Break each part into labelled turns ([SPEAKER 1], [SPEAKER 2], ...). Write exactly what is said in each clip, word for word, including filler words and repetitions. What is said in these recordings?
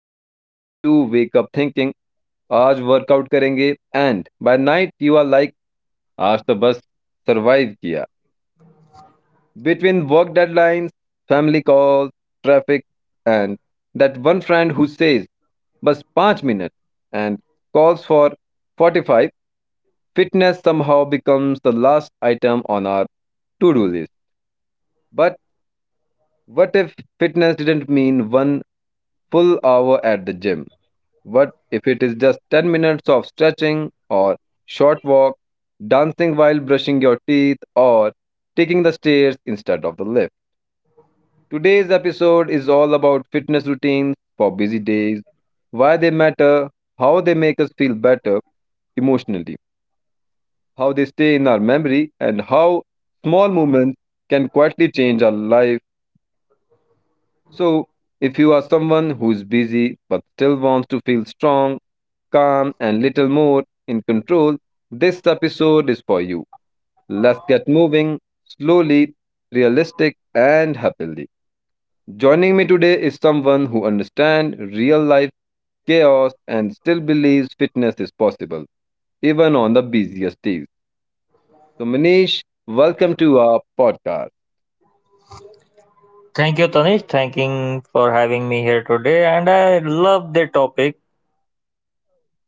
[SPEAKER 1] How many of you wake up thinking, आज workout करेंगे and by night you are like आज तो बस survive किया between work deadlines family calls traffic and that one friend who but 5 minutes and calls for forty-five. Fitness somehow becomes the last item on our to-do list, but what if fitness didn't mean one full hour at the gym? What if it is just 10 minutes of stretching or short walk, dancing while brushing your teeth or taking the stairs instead of the lift? Today's episode is all about fitness routines for busy days, why they matter, how they make us feel better emotionally, how they stay in our memory, and how small movements can quietly change our life. So, if you are someone who's busy but still wants to feel strong, calm, and little more in control, this episode is for you. Let's get moving slowly, realistic, and happily. Joining me today is someone who understands real life chaos and still believes fitness is possible, even on the busiest days. So, Manish, welcome to our podcast.
[SPEAKER 2] Thank you, Tanish. Thanking for having me here today. And I love the topic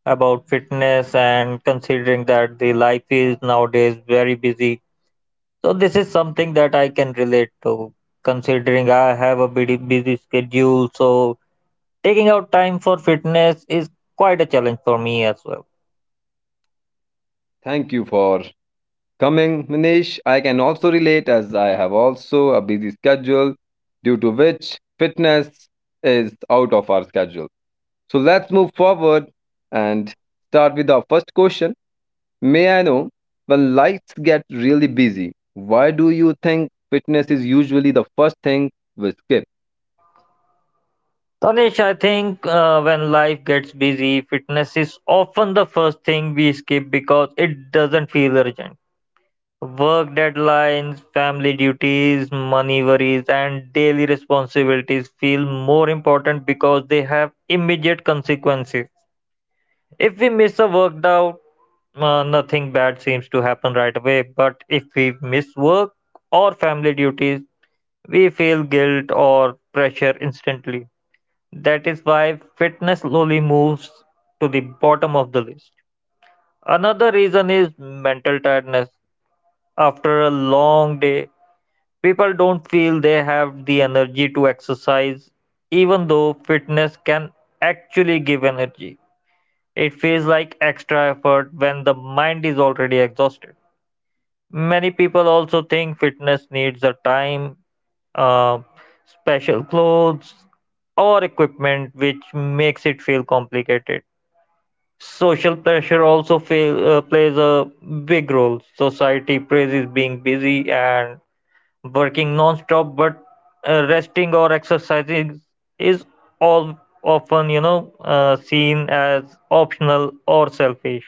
[SPEAKER 2] about fitness and considering that the life is nowadays very busy. So this is something that I can relate to, considering I have a busy, busy schedule. So taking out time for fitness is quite a challenge for me as well.
[SPEAKER 1] Thank you for coming, Manish. I can also relate as I have also a busy schedule due to which fitness is out of our schedule. So let's move forward and start with our first question. May I know, when life gets really busy, why do you think fitness is usually the first thing we skip?
[SPEAKER 2] Tanish, I think uh, when life gets busy, fitness is often the first thing we skip because it doesn't feel urgent. Work deadlines, family duties, money worries, and daily responsibilities feel more important because they have immediate consequences. If we miss a work out, uh, nothing bad seems to happen right away. But if we miss work or family duties, we feel guilt or pressure instantly. That is why fitness slowly moves to the bottom of the list. Another reason is mental tiredness. After a long day, people don't feel they have the energy to exercise, even though fitness can actually give energy. It feels like extra effort when the mind is already exhausted. Many people also think fitness needs a time, uh, special clothes, or equipment, which makes it feel complicated. Social pressure also fail, uh, plays a big role. Society praises being busy and working non-stop, but uh, resting or exercising is all often, you know, uh, seen as optional or selfish.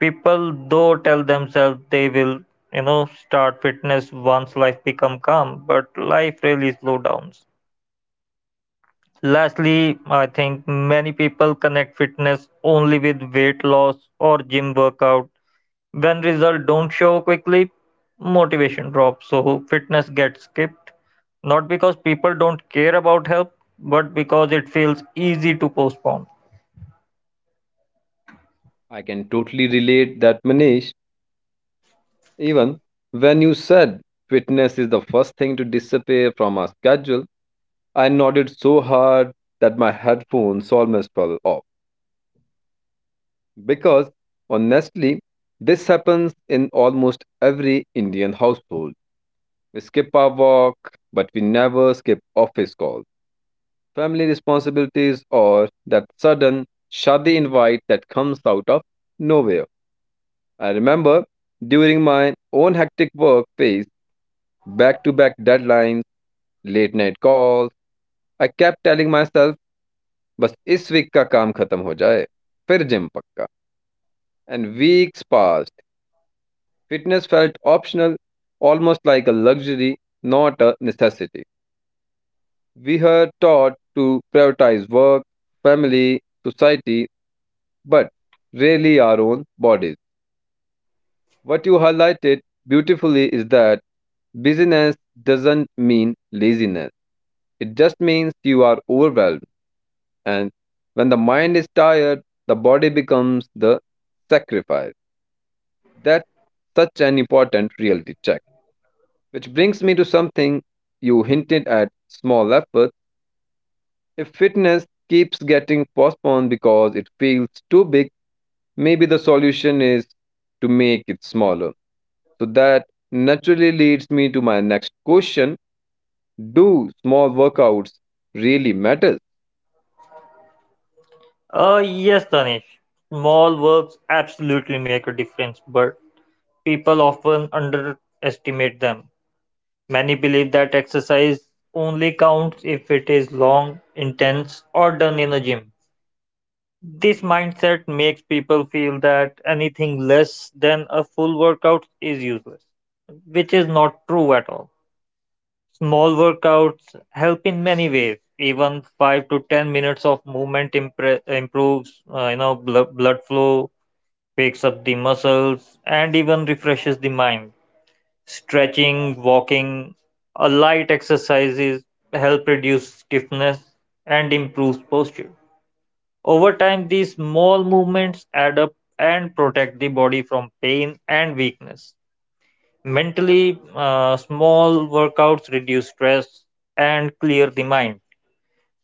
[SPEAKER 2] People though tell themselves they will, you know, start fitness once life become calm, but life really slow downs. Lastly, I think many people connect fitness only with weight loss or gym workout. When results don't show quickly, motivation drops. So fitness gets skipped. Not because people don't care about help, but because it feels easy to postpone.
[SPEAKER 1] I can totally relate that, Manish. Even when you said fitness is the first thing to disappear from our schedule, I nodded so hard that my headphones almost fell off. Because honestly, this happens in almost every Indian household. We skip our walk, but we never skip office calls, family responsibilities, or that sudden shadi invite that comes out of nowhere. I remember during my own hectic work phase, back to back deadlines, late night calls, I kept telling myself बस इस week का काम खत्म हो जाए फिर gym पक्का. And weeks passed, fitness felt optional, almost like a luxury, not a necessity. We her taught to prioritize work, family, society, but rarely our own bodies. What you highlighted beautifully is that busyness doesn't mean laziness, it just means you are overwhelmed, and when the mind is tired, the body becomes the sacrifice. That's such an important reality check. Which brings me to something you hinted at, small efforts. If fitness keeps getting postponed because it feels too big, maybe the solution is to make it smaller. So that naturally leads me to my next question. Do small workouts really matter?
[SPEAKER 2] Uh, yes, Tanish. Small works absolutely make a difference, but people often underestimate them. Many believe that exercise only counts if it is long, intense, or done in a gym. This mindset makes people feel that anything less than a full workout is useless, which is not true at all. Small workouts help in many ways. Even five to ten minutes of movement impre- improves, uh, you know, blood, blood flow, wakes up the muscles, and even refreshes the mind. Stretching, walking, a light exercises help reduce stiffness and improves posture. Over time, these small movements add up and protect the body from pain and weakness. Mentally, uh, small workouts reduce stress and clear the mind.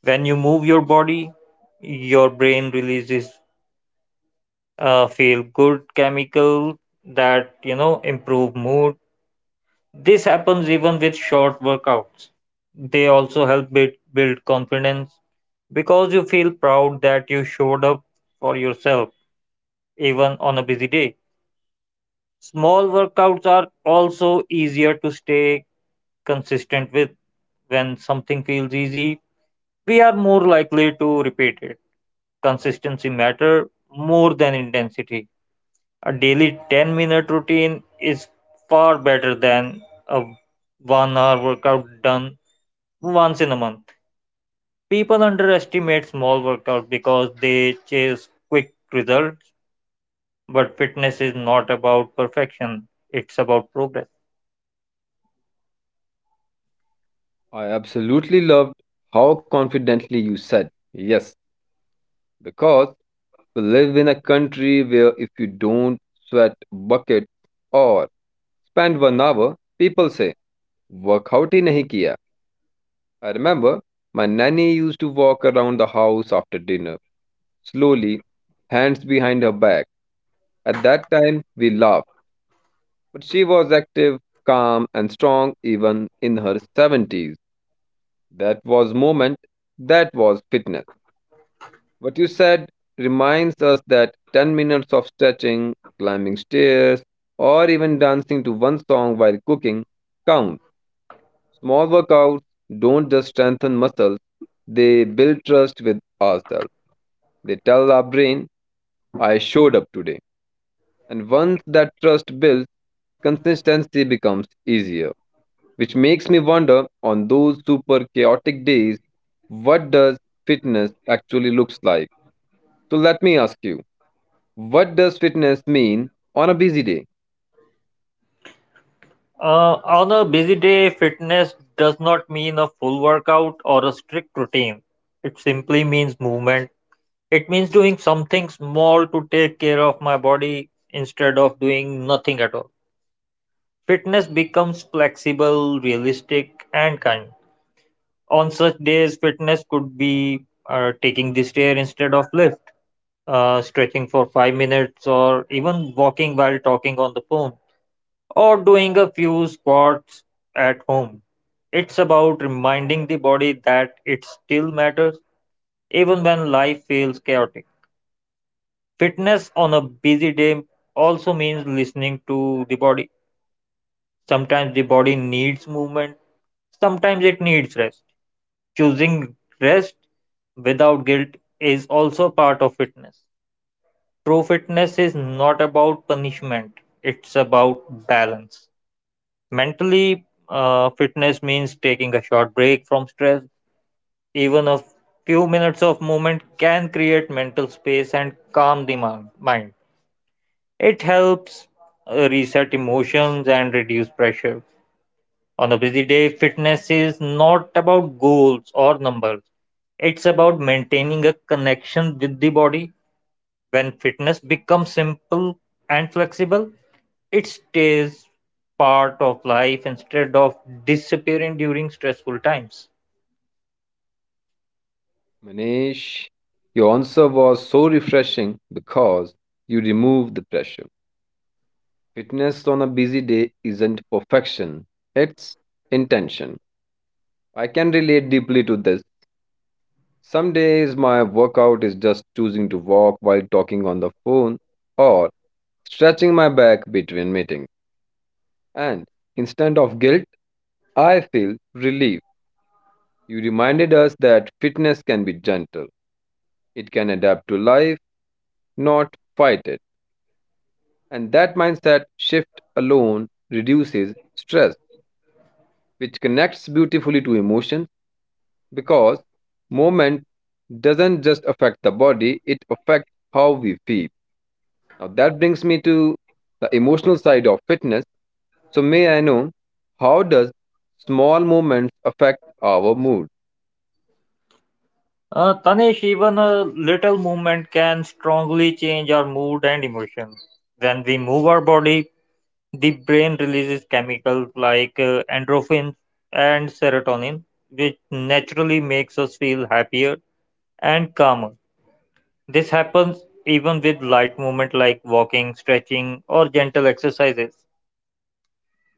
[SPEAKER 2] When you move your body, your brain releases uh, feel good chemical that you know improve mood. This happens even with short workouts. They also help build, build confidence because you feel proud that you showed up for yourself even on a busy day. Small workouts are also easier to stay consistent with. When something feels easy, we are more likely to repeat it. Consistency matter more than intensity. A daily ten minute routine is far better than a one hour workout done once in a month. People underestimate small workouts because they chase quick results. But fitness is not about perfection, it's about progress.
[SPEAKER 1] I absolutely loved how confidently you said yes, because we live in a country where if you don't sweat buckets or spend one hour, people say, workout hi nahi kiya. I remember my nanny used to walk around the house after dinner, slowly, hands behind her back. At that time, we laughed, but she was active, calm, and strong even in her seventies. That was moment, that was fitness. What you said reminds us that ten minutes of stretching, climbing stairs, or even dancing to one song while cooking count. Small workouts don't just strengthen muscles, they build trust with ourselves. They tell our brain, I showed up today. And once that trust builds, consistency becomes easier. Which makes me wonder, on those super chaotic days, what does fitness actually looks like? So let me ask you, what does fitness mean on a busy day?
[SPEAKER 2] Uh, on a busy day, fitness does not mean a full workout or a strict routine. It simply means movement. It means doing something small to take care of my body instead of doing nothing at all. Fitness becomes flexible, realistic, and kind. On such days, fitness could be uh, taking the stair instead of lift, uh, stretching for five minutes, or even walking while talking on the phone, or doing a few squats at home. It's about reminding the body that it still matters, even when life feels chaotic. Fitness on a busy day also means listening to the body. Sometimes the body needs movement, sometimes it needs rest. Choosing rest without guilt is also part of fitness. True fitness is not about punishment, it's about balance. Mentally, uh, fitness means taking a short break from stress. Even a few minutes of movement can create mental space and calm the mon- mind. It helps uh, reset emotions and reduce pressure. On a busy day, fitness is not about goals or numbers, it's about maintaining a connection with the body. When fitness becomes simple and flexible, it stays part of life instead of disappearing during stressful times.
[SPEAKER 1] Manish, your answer was so refreshing because you removed the pressure. Fitness on a busy day isn't perfection, it's intention. I can relate deeply to this. Some days my workout is just choosing to walk while talking on the phone or stretching my back between meetings. And instead of guilt, I feel relief. You reminded us that fitness can be gentle, it can adapt to life, not fight it. And that mindset shift alone reduces stress, which connects beautifully to emotions, because movement doesn't just affect the body, it affects how we feel. Now that brings me to the emotional side of fitness. So may I know, how does small movements affect our mood?
[SPEAKER 2] Uh, Tanish, even a little movement can strongly change our mood and emotion. When we move our body, the brain releases chemicals like uh, endorphins and serotonin, which naturally makes us feel happier and calmer. This happens even with light movement like walking, stretching, or gentle exercises.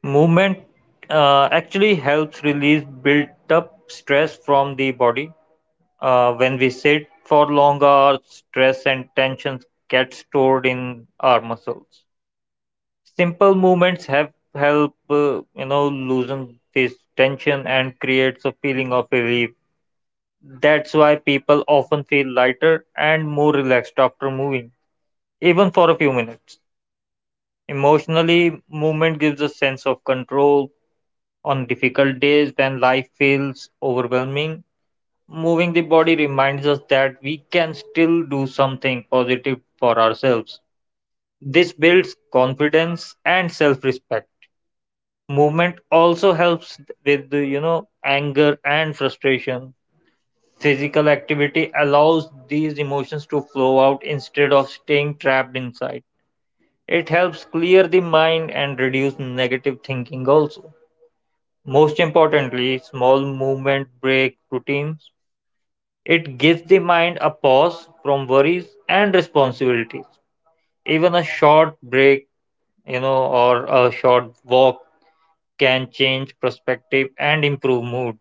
[SPEAKER 2] Movement uh, actually helps release built up stress from the body. Uh, when we sit for long hours, stress and tensions get stored in our muscles. Simple movements have help uh, you know loosen this tension and creates a feeling of relief. That's why people often feel lighter and more relaxed after moving, even for a few minutes. Emotionally, movement gives a sense of control. On difficult days when life feels overwhelming, moving the body reminds us that we can still do something positive for ourselves. This builds confidence and self-respect. Movement also helps with the, you know, anger and frustration. Physical activity allows these emotions to flow out instead of staying trapped inside. It helps clear the mind and reduce negative thinking also. Most importantly, small movement break routines. It gives the mind a pause from worries and responsibilities. Even a short break, you know, or a short walk, can change perspective and improve mood.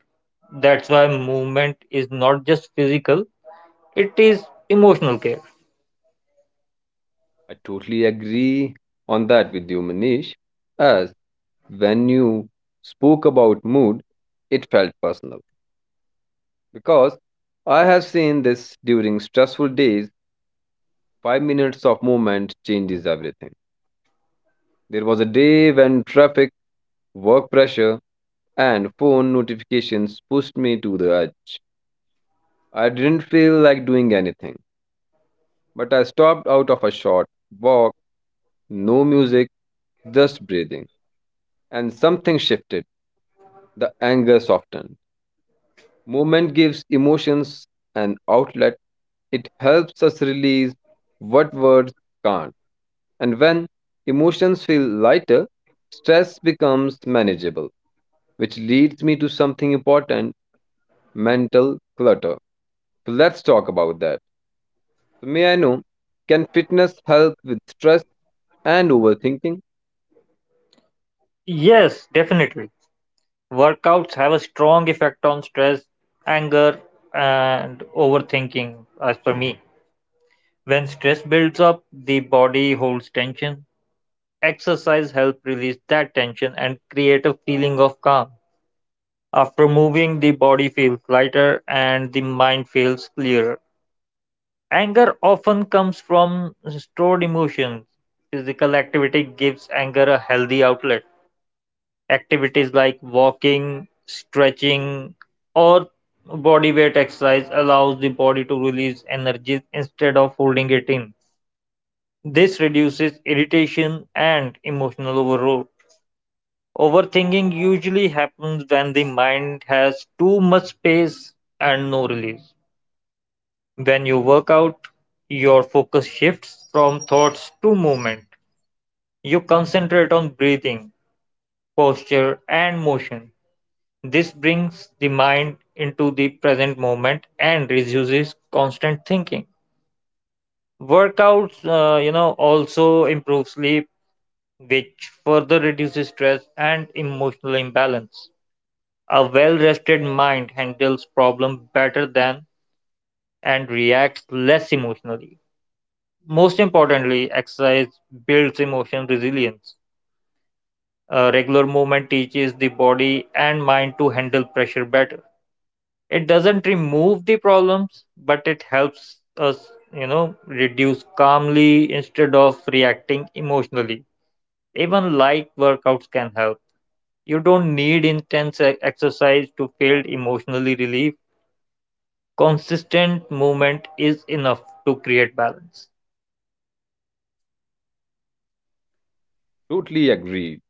[SPEAKER 2] That's why movement is not just physical, it is emotional care.
[SPEAKER 1] I totally agree on that with you, Manish, as when you spoke about mood, it felt personal because I have seen this during stressful days, five minutes of movement changes everything. There was a day when traffic, work pressure, and phone notifications pushed me to the edge. I didn't feel like doing anything, but I stopped out of a short walk, no music, just breathing, and something shifted. The anger softened. Movement gives emotions an outlet. It helps us release what words can't. And when emotions feel lighter, stress becomes manageable, which leads me to something important, mental clutter. So let's talk about that. So may I know, can fitness help with stress and overthinking?
[SPEAKER 2] Yes, definitely. Workouts have a strong effect on stress, anger, and overthinking, as per me. When stress builds up, the body holds tension. Exercise helps release that tension and create a feeling of calm. After moving, the body feels lighter and the mind feels clearer. Anger often comes from stored emotions. Physical activity gives anger a healthy outlet. Activities like walking, stretching, or body weight exercise allows the body to release energy instead of holding it in. This reduces irritation and emotional overload. Overthinking usually happens when the mind has too much space and no release. When you work out, your focus shifts from thoughts to movement. You concentrate on breathing, posture, and motion. This brings the mind into the present moment and reduces constant thinking. Workouts, uh, you know, also improve sleep, which further reduces stress and emotional imbalance. A well-rested mind handles problems better than and reacts less emotionally. Most importantly, exercise builds emotional resilience. Uh, regular movement teaches the body and mind to handle pressure better. It doesn't remove the problems, but it helps us, you know, reduce calmly instead of reacting emotionally. Even light workouts can help. You don't need intense e- exercise to feel emotionally relief. Consistent movement is enough to create balance.
[SPEAKER 1] Totally agreed.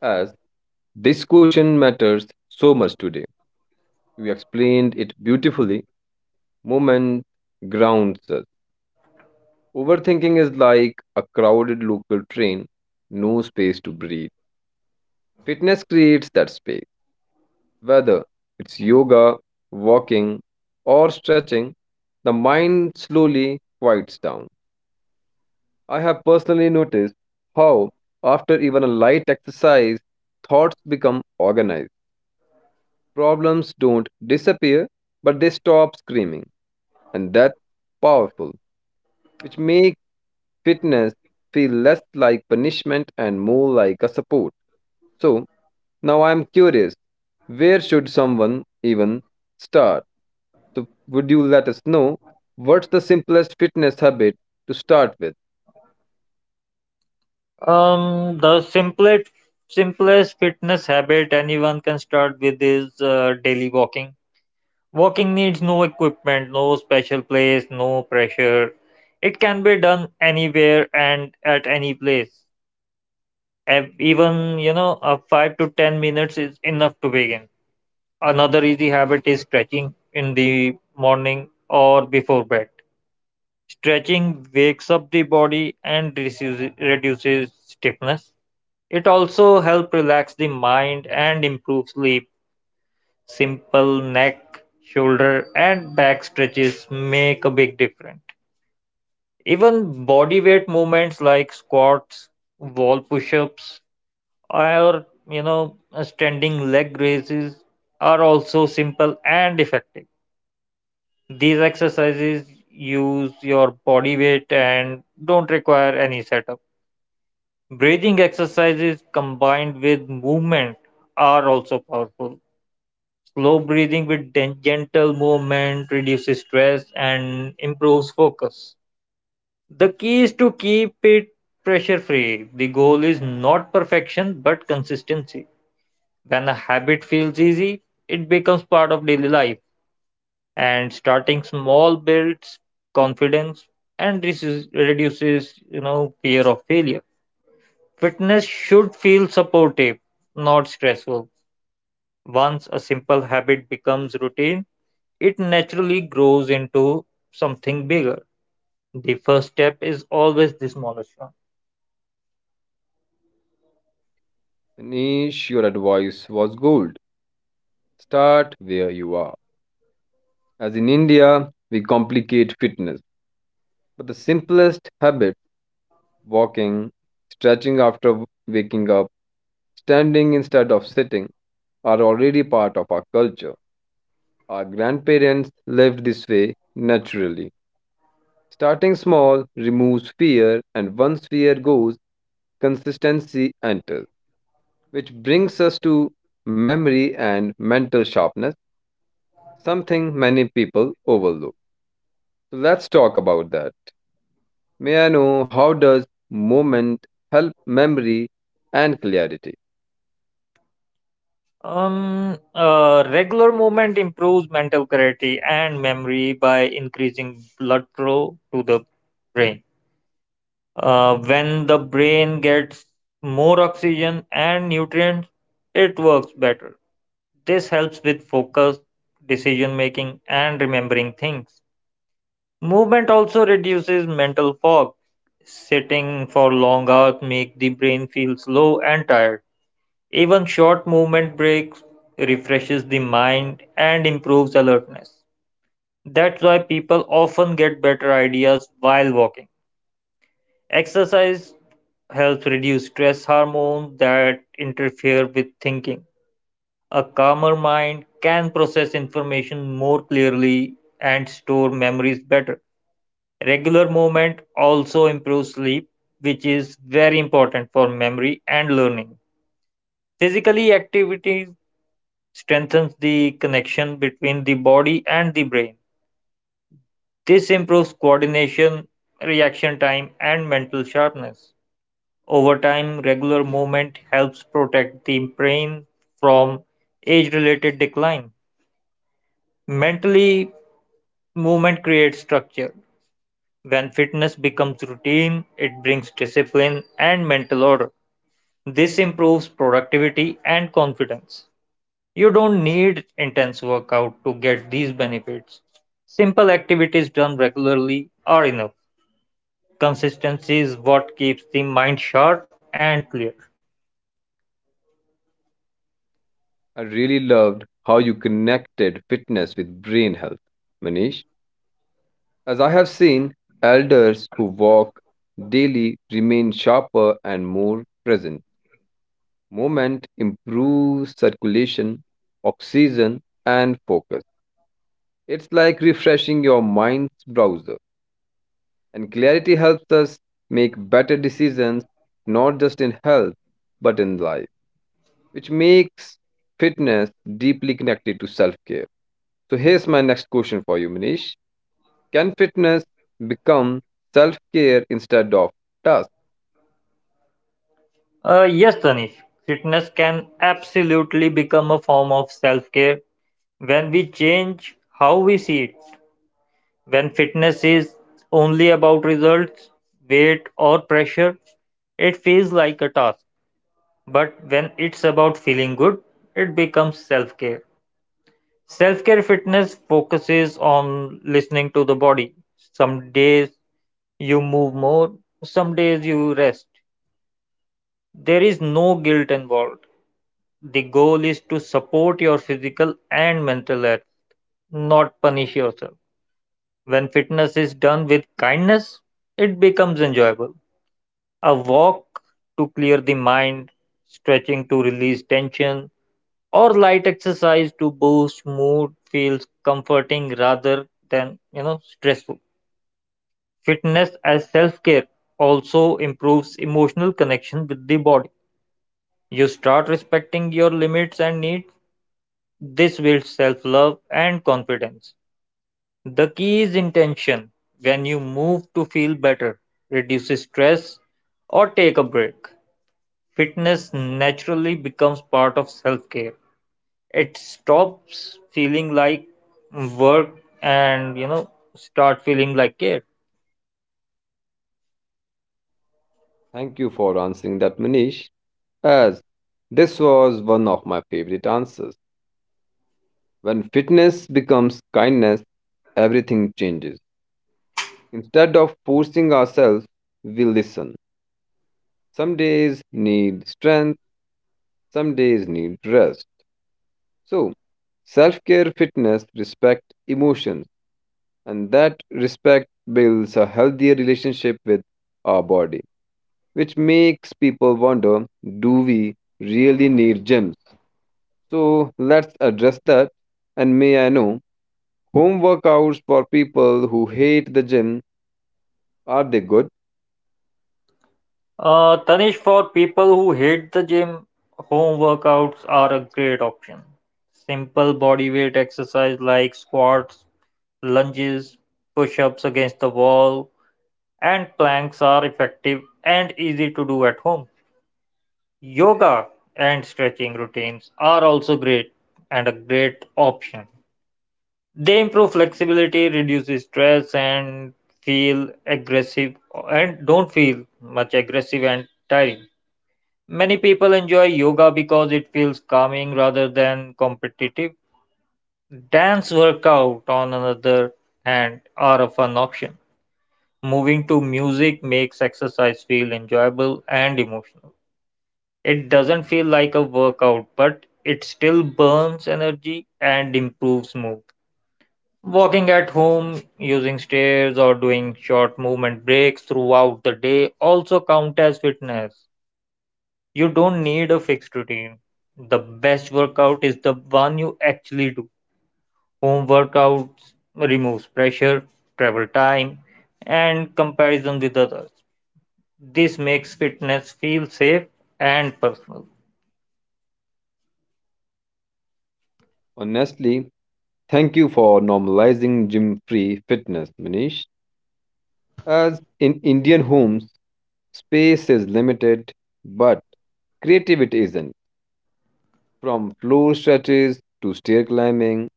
[SPEAKER 1] As this question matters so much today. You explained it beautifully. Moment grounds us. Overthinking is like a crowded local train, no space to breathe. Fitness creates that space. Whether it's yoga, walking, or stretching, the mind slowly quiets down. I have personally noticed how, after even a light exercise, thoughts become organized. Problems don't disappear, but they stop screaming. And that's powerful, which makes fitness feel less like punishment and more like a support. So, now I'm curious, where should someone even start? So, would you let us know, what's the simplest fitness habit to start with?
[SPEAKER 2] Um, the simplest simplest fitness habit anyone can start with is uh, daily walking. Walking needs no equipment, no special place, no pressure. It can be done anywhere and at any place. Ev- Even, you know, a five to ten minutes is enough to begin. Another easy habit is stretching in the morning or before bed. Stretching wakes up the body and reduces, reduces stiffness. It also helps relax the mind and improve sleep. Simple neck, shoulder, and back stretches make a big difference. Even body weight movements like squats, wall push ups, or you know, standing leg raises are also simple and effective. These exercises use your body weight and don't require any setup. Breathing exercises combined with movement are also powerful. Slow breathing with gen- gentle movement reduces stress and improves focus. The key is to keep it pressure free. The goal is not perfection but consistency. When a habit feels easy, it becomes part of daily life, and starting small builds confidence and reduces, reduces you know fear of failure. Fitness should feel supportive, not stressful. Once a simple habit becomes routine, it naturally grows into something bigger. The first step is always the smallest one.
[SPEAKER 1] Nish, your advice was gold. Start where you are. As in India, we complicate fitness. But the simplest habits, walking, stretching after waking up, standing instead of sitting, are already part of our culture. Our grandparents lived this way naturally. Starting small removes fear, and once fear goes, consistency enters, which brings us to memory and mental sharpness, something many people overlook. So let's talk about that. May I know, how does moment help memory and clarity?
[SPEAKER 2] Um, uh, regular movement improves mental clarity and memory by increasing blood flow to the brain. Uh, when the brain gets more oxygen and nutrients, it works better. This helps with focus, decision making, and remembering things. Movement also reduces mental fog. Sitting for long hours make the brain feel slow and tired. Even short movement breaks refreshes the mind and improves alertness. That's why people often get better ideas while walking. Exercise helps reduce stress hormones that interfere with thinking. A calmer mind can process information more clearly and store memories better. Regular movement also improves sleep, which is very important for memory and learning. Physically, activity strengthens the connection between the body and the brain. This improves coordination, reaction time, and mental sharpness. Over time, regular movement helps protect the brain from age related decline. Mentally, movement creates structure. When fitness becomes routine, it brings discipline and mental order. This improves productivity and confidence. You don't need intense workout to get these benefits. Simple activities done regularly are enough. Consistency is what keeps the mind sharp and clear.
[SPEAKER 1] I really loved how you connected fitness with brain health, Manish. As I have seen, elders who walk daily remain sharper and more present. Movement improves circulation, oxygen, and focus. It's like refreshing your mind's browser. And clarity helps us make better decisions, not just in health, but in life, which makes fitness deeply connected to self care. So, here's my next question for you, Manish. Can fitness become self care instead of task?
[SPEAKER 2] Uh, yes, Tanish, fitness can absolutely become a form of self care when we change how we see it. When fitness is only about results, weight, or pressure, it feels like a task. But when it's about feeling good, it becomes self care. Self care fitness focuses on listening to the body. Some days you move more, some days you rest. There is no guilt involved. The goal is to support your physical and mental health, not punish yourself. When fitness is done with kindness, it becomes enjoyable. A walk to clear the mind, stretching to release tension, or light exercise to boost mood feels comforting rather than you know stressful Fitness as self-care also improves emotional connection with the body. You start respecting your limits and needs. This builds self-love and confidence. The key is intention. When you move to feel better, reduce stress, or take a break, fitness naturally becomes part of self-care. It stops feeling like work and you know start feeling like care.
[SPEAKER 1] Thank you for answering that, Manish, as this was one of my favorite answers. When fitness becomes kindness, everything changes. Instead of forcing ourselves, we listen. Some days need strength, some days need rest. So, self care, fitness, respect, emotions. And that respect builds a healthier relationship with our body, which makes people wonder, do we really need gyms? So let's address that. And may I know, home workouts for people who hate the gym, are they good?
[SPEAKER 2] Uh, Tanish, for people who hate the gym, home workouts are a great option. Simple body weight exercise like squats, lunges, push-ups against the wall, and planks are effective and easy to do at home. Yoga and stretching routines are also great and a great option. They improve flexibility, reduce stress, and feel aggressive and don't feel much aggressive and tiring. Many people enjoy yoga because it feels calming rather than competitive. Dance workout, on another hand, are a fun option. Moving to music makes exercise feel enjoyable and emotional. It doesn't feel like a workout, but it still burns energy and improves mood. Walking at home, using stairs, or doing short movement breaks throughout the day also count as fitness. You don't need a fixed routine. The best workout is the one you actually do. Home workouts removes pressure, travel time, and comparison with others. This makes fitness feel safe and personal.
[SPEAKER 1] Honestly, thank you for normalizing gym free fitness, Manish. As in Indian homes, space is limited, but creativity isn't. From floor stretches to stair climbing,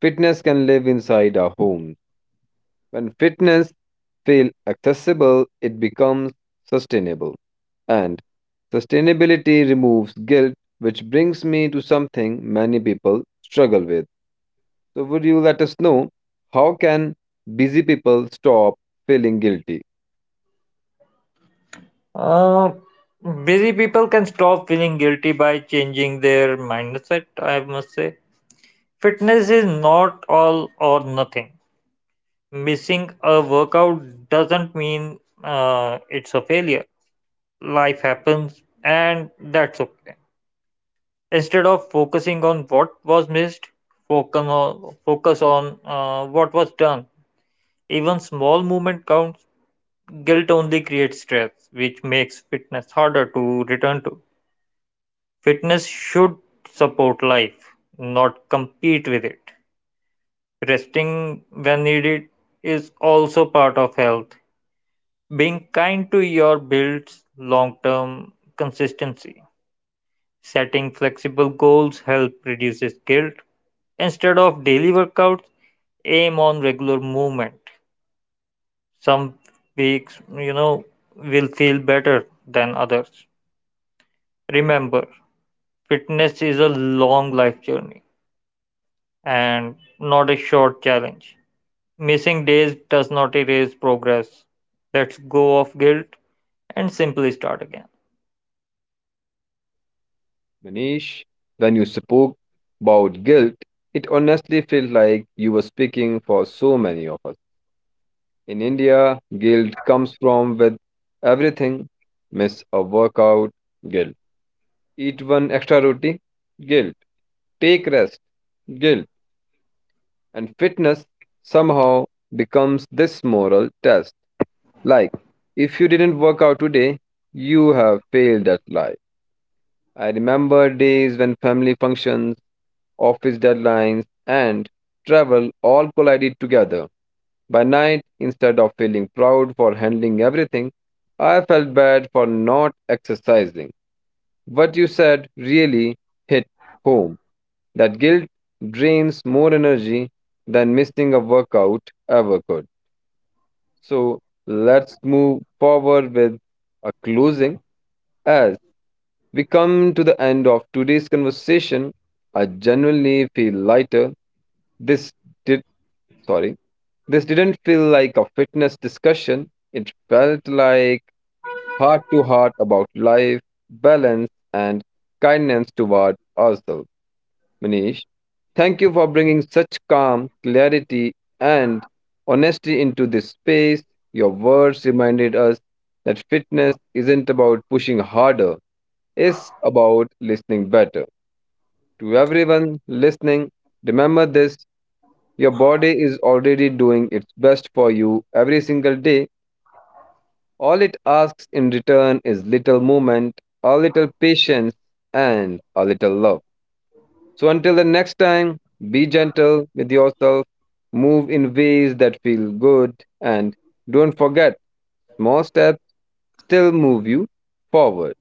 [SPEAKER 1] fitness can live inside our homes. When fitness feels accessible, it becomes sustainable. And sustainability removes guilt, which brings me to something many people struggle with. So would you let us know, how can busy people stop feeling guilty?
[SPEAKER 2] Uh, busy people can stop feeling guilty by changing their mindset, I must say. Fitness is not all or nothing. Missing a workout doesn't mean uh, it's a failure. Life happens, and that's okay. Instead of focusing on what was missed, focus on, focus on uh, what was done. Even small movement counts. Guilt only creates stress, which makes fitness harder to return to. Fitness should support life, not compete with it. Resting when needed is also part of health. Being kind to your builds long term consistency. Setting flexible goals help reduces guilt. Instead of daily workouts, aim on regular movement. Some weeks, you know, will feel better than others. Remember, fitness is a long life journey and not a short challenge. Missing days does not erase progress. Let's go of guilt and simply start again.
[SPEAKER 1] Manish, when you spoke about guilt, it honestly felt like you were speaking for so many of us. In India, guilt comes from with everything. Miss a workout, guilt. Eat one extra roti, guilt. Take rest, guilt. And fitness somehow becomes this moral test. Like, if you didn't work out today, you have failed at life. I remember days when family functions, office deadlines, and travel all collided together. By night, instead of feeling proud for handling everything, I felt bad for not exercising. What you said really hit home. That guilt drains more energy than missing a workout ever could. So let's move forward with a closing. As we come to the end of today's conversation, I genuinely feel lighter. This did sorry. This didn't feel like a fitness discussion. It felt like heart to heart about life, balance, and kindness toward ourselves. Manish, thank you for bringing such calm, clarity, and honesty into this space. Your words reminded us that fitness isn't about pushing harder, it's about listening better. To everyone listening, remember this, your body is already doing its best for you every single day. All it asks in return is little movement, a little patience, and a little love. So until the next time, be gentle with yourself, move in ways that feel good, and don't forget, small steps still move you forward.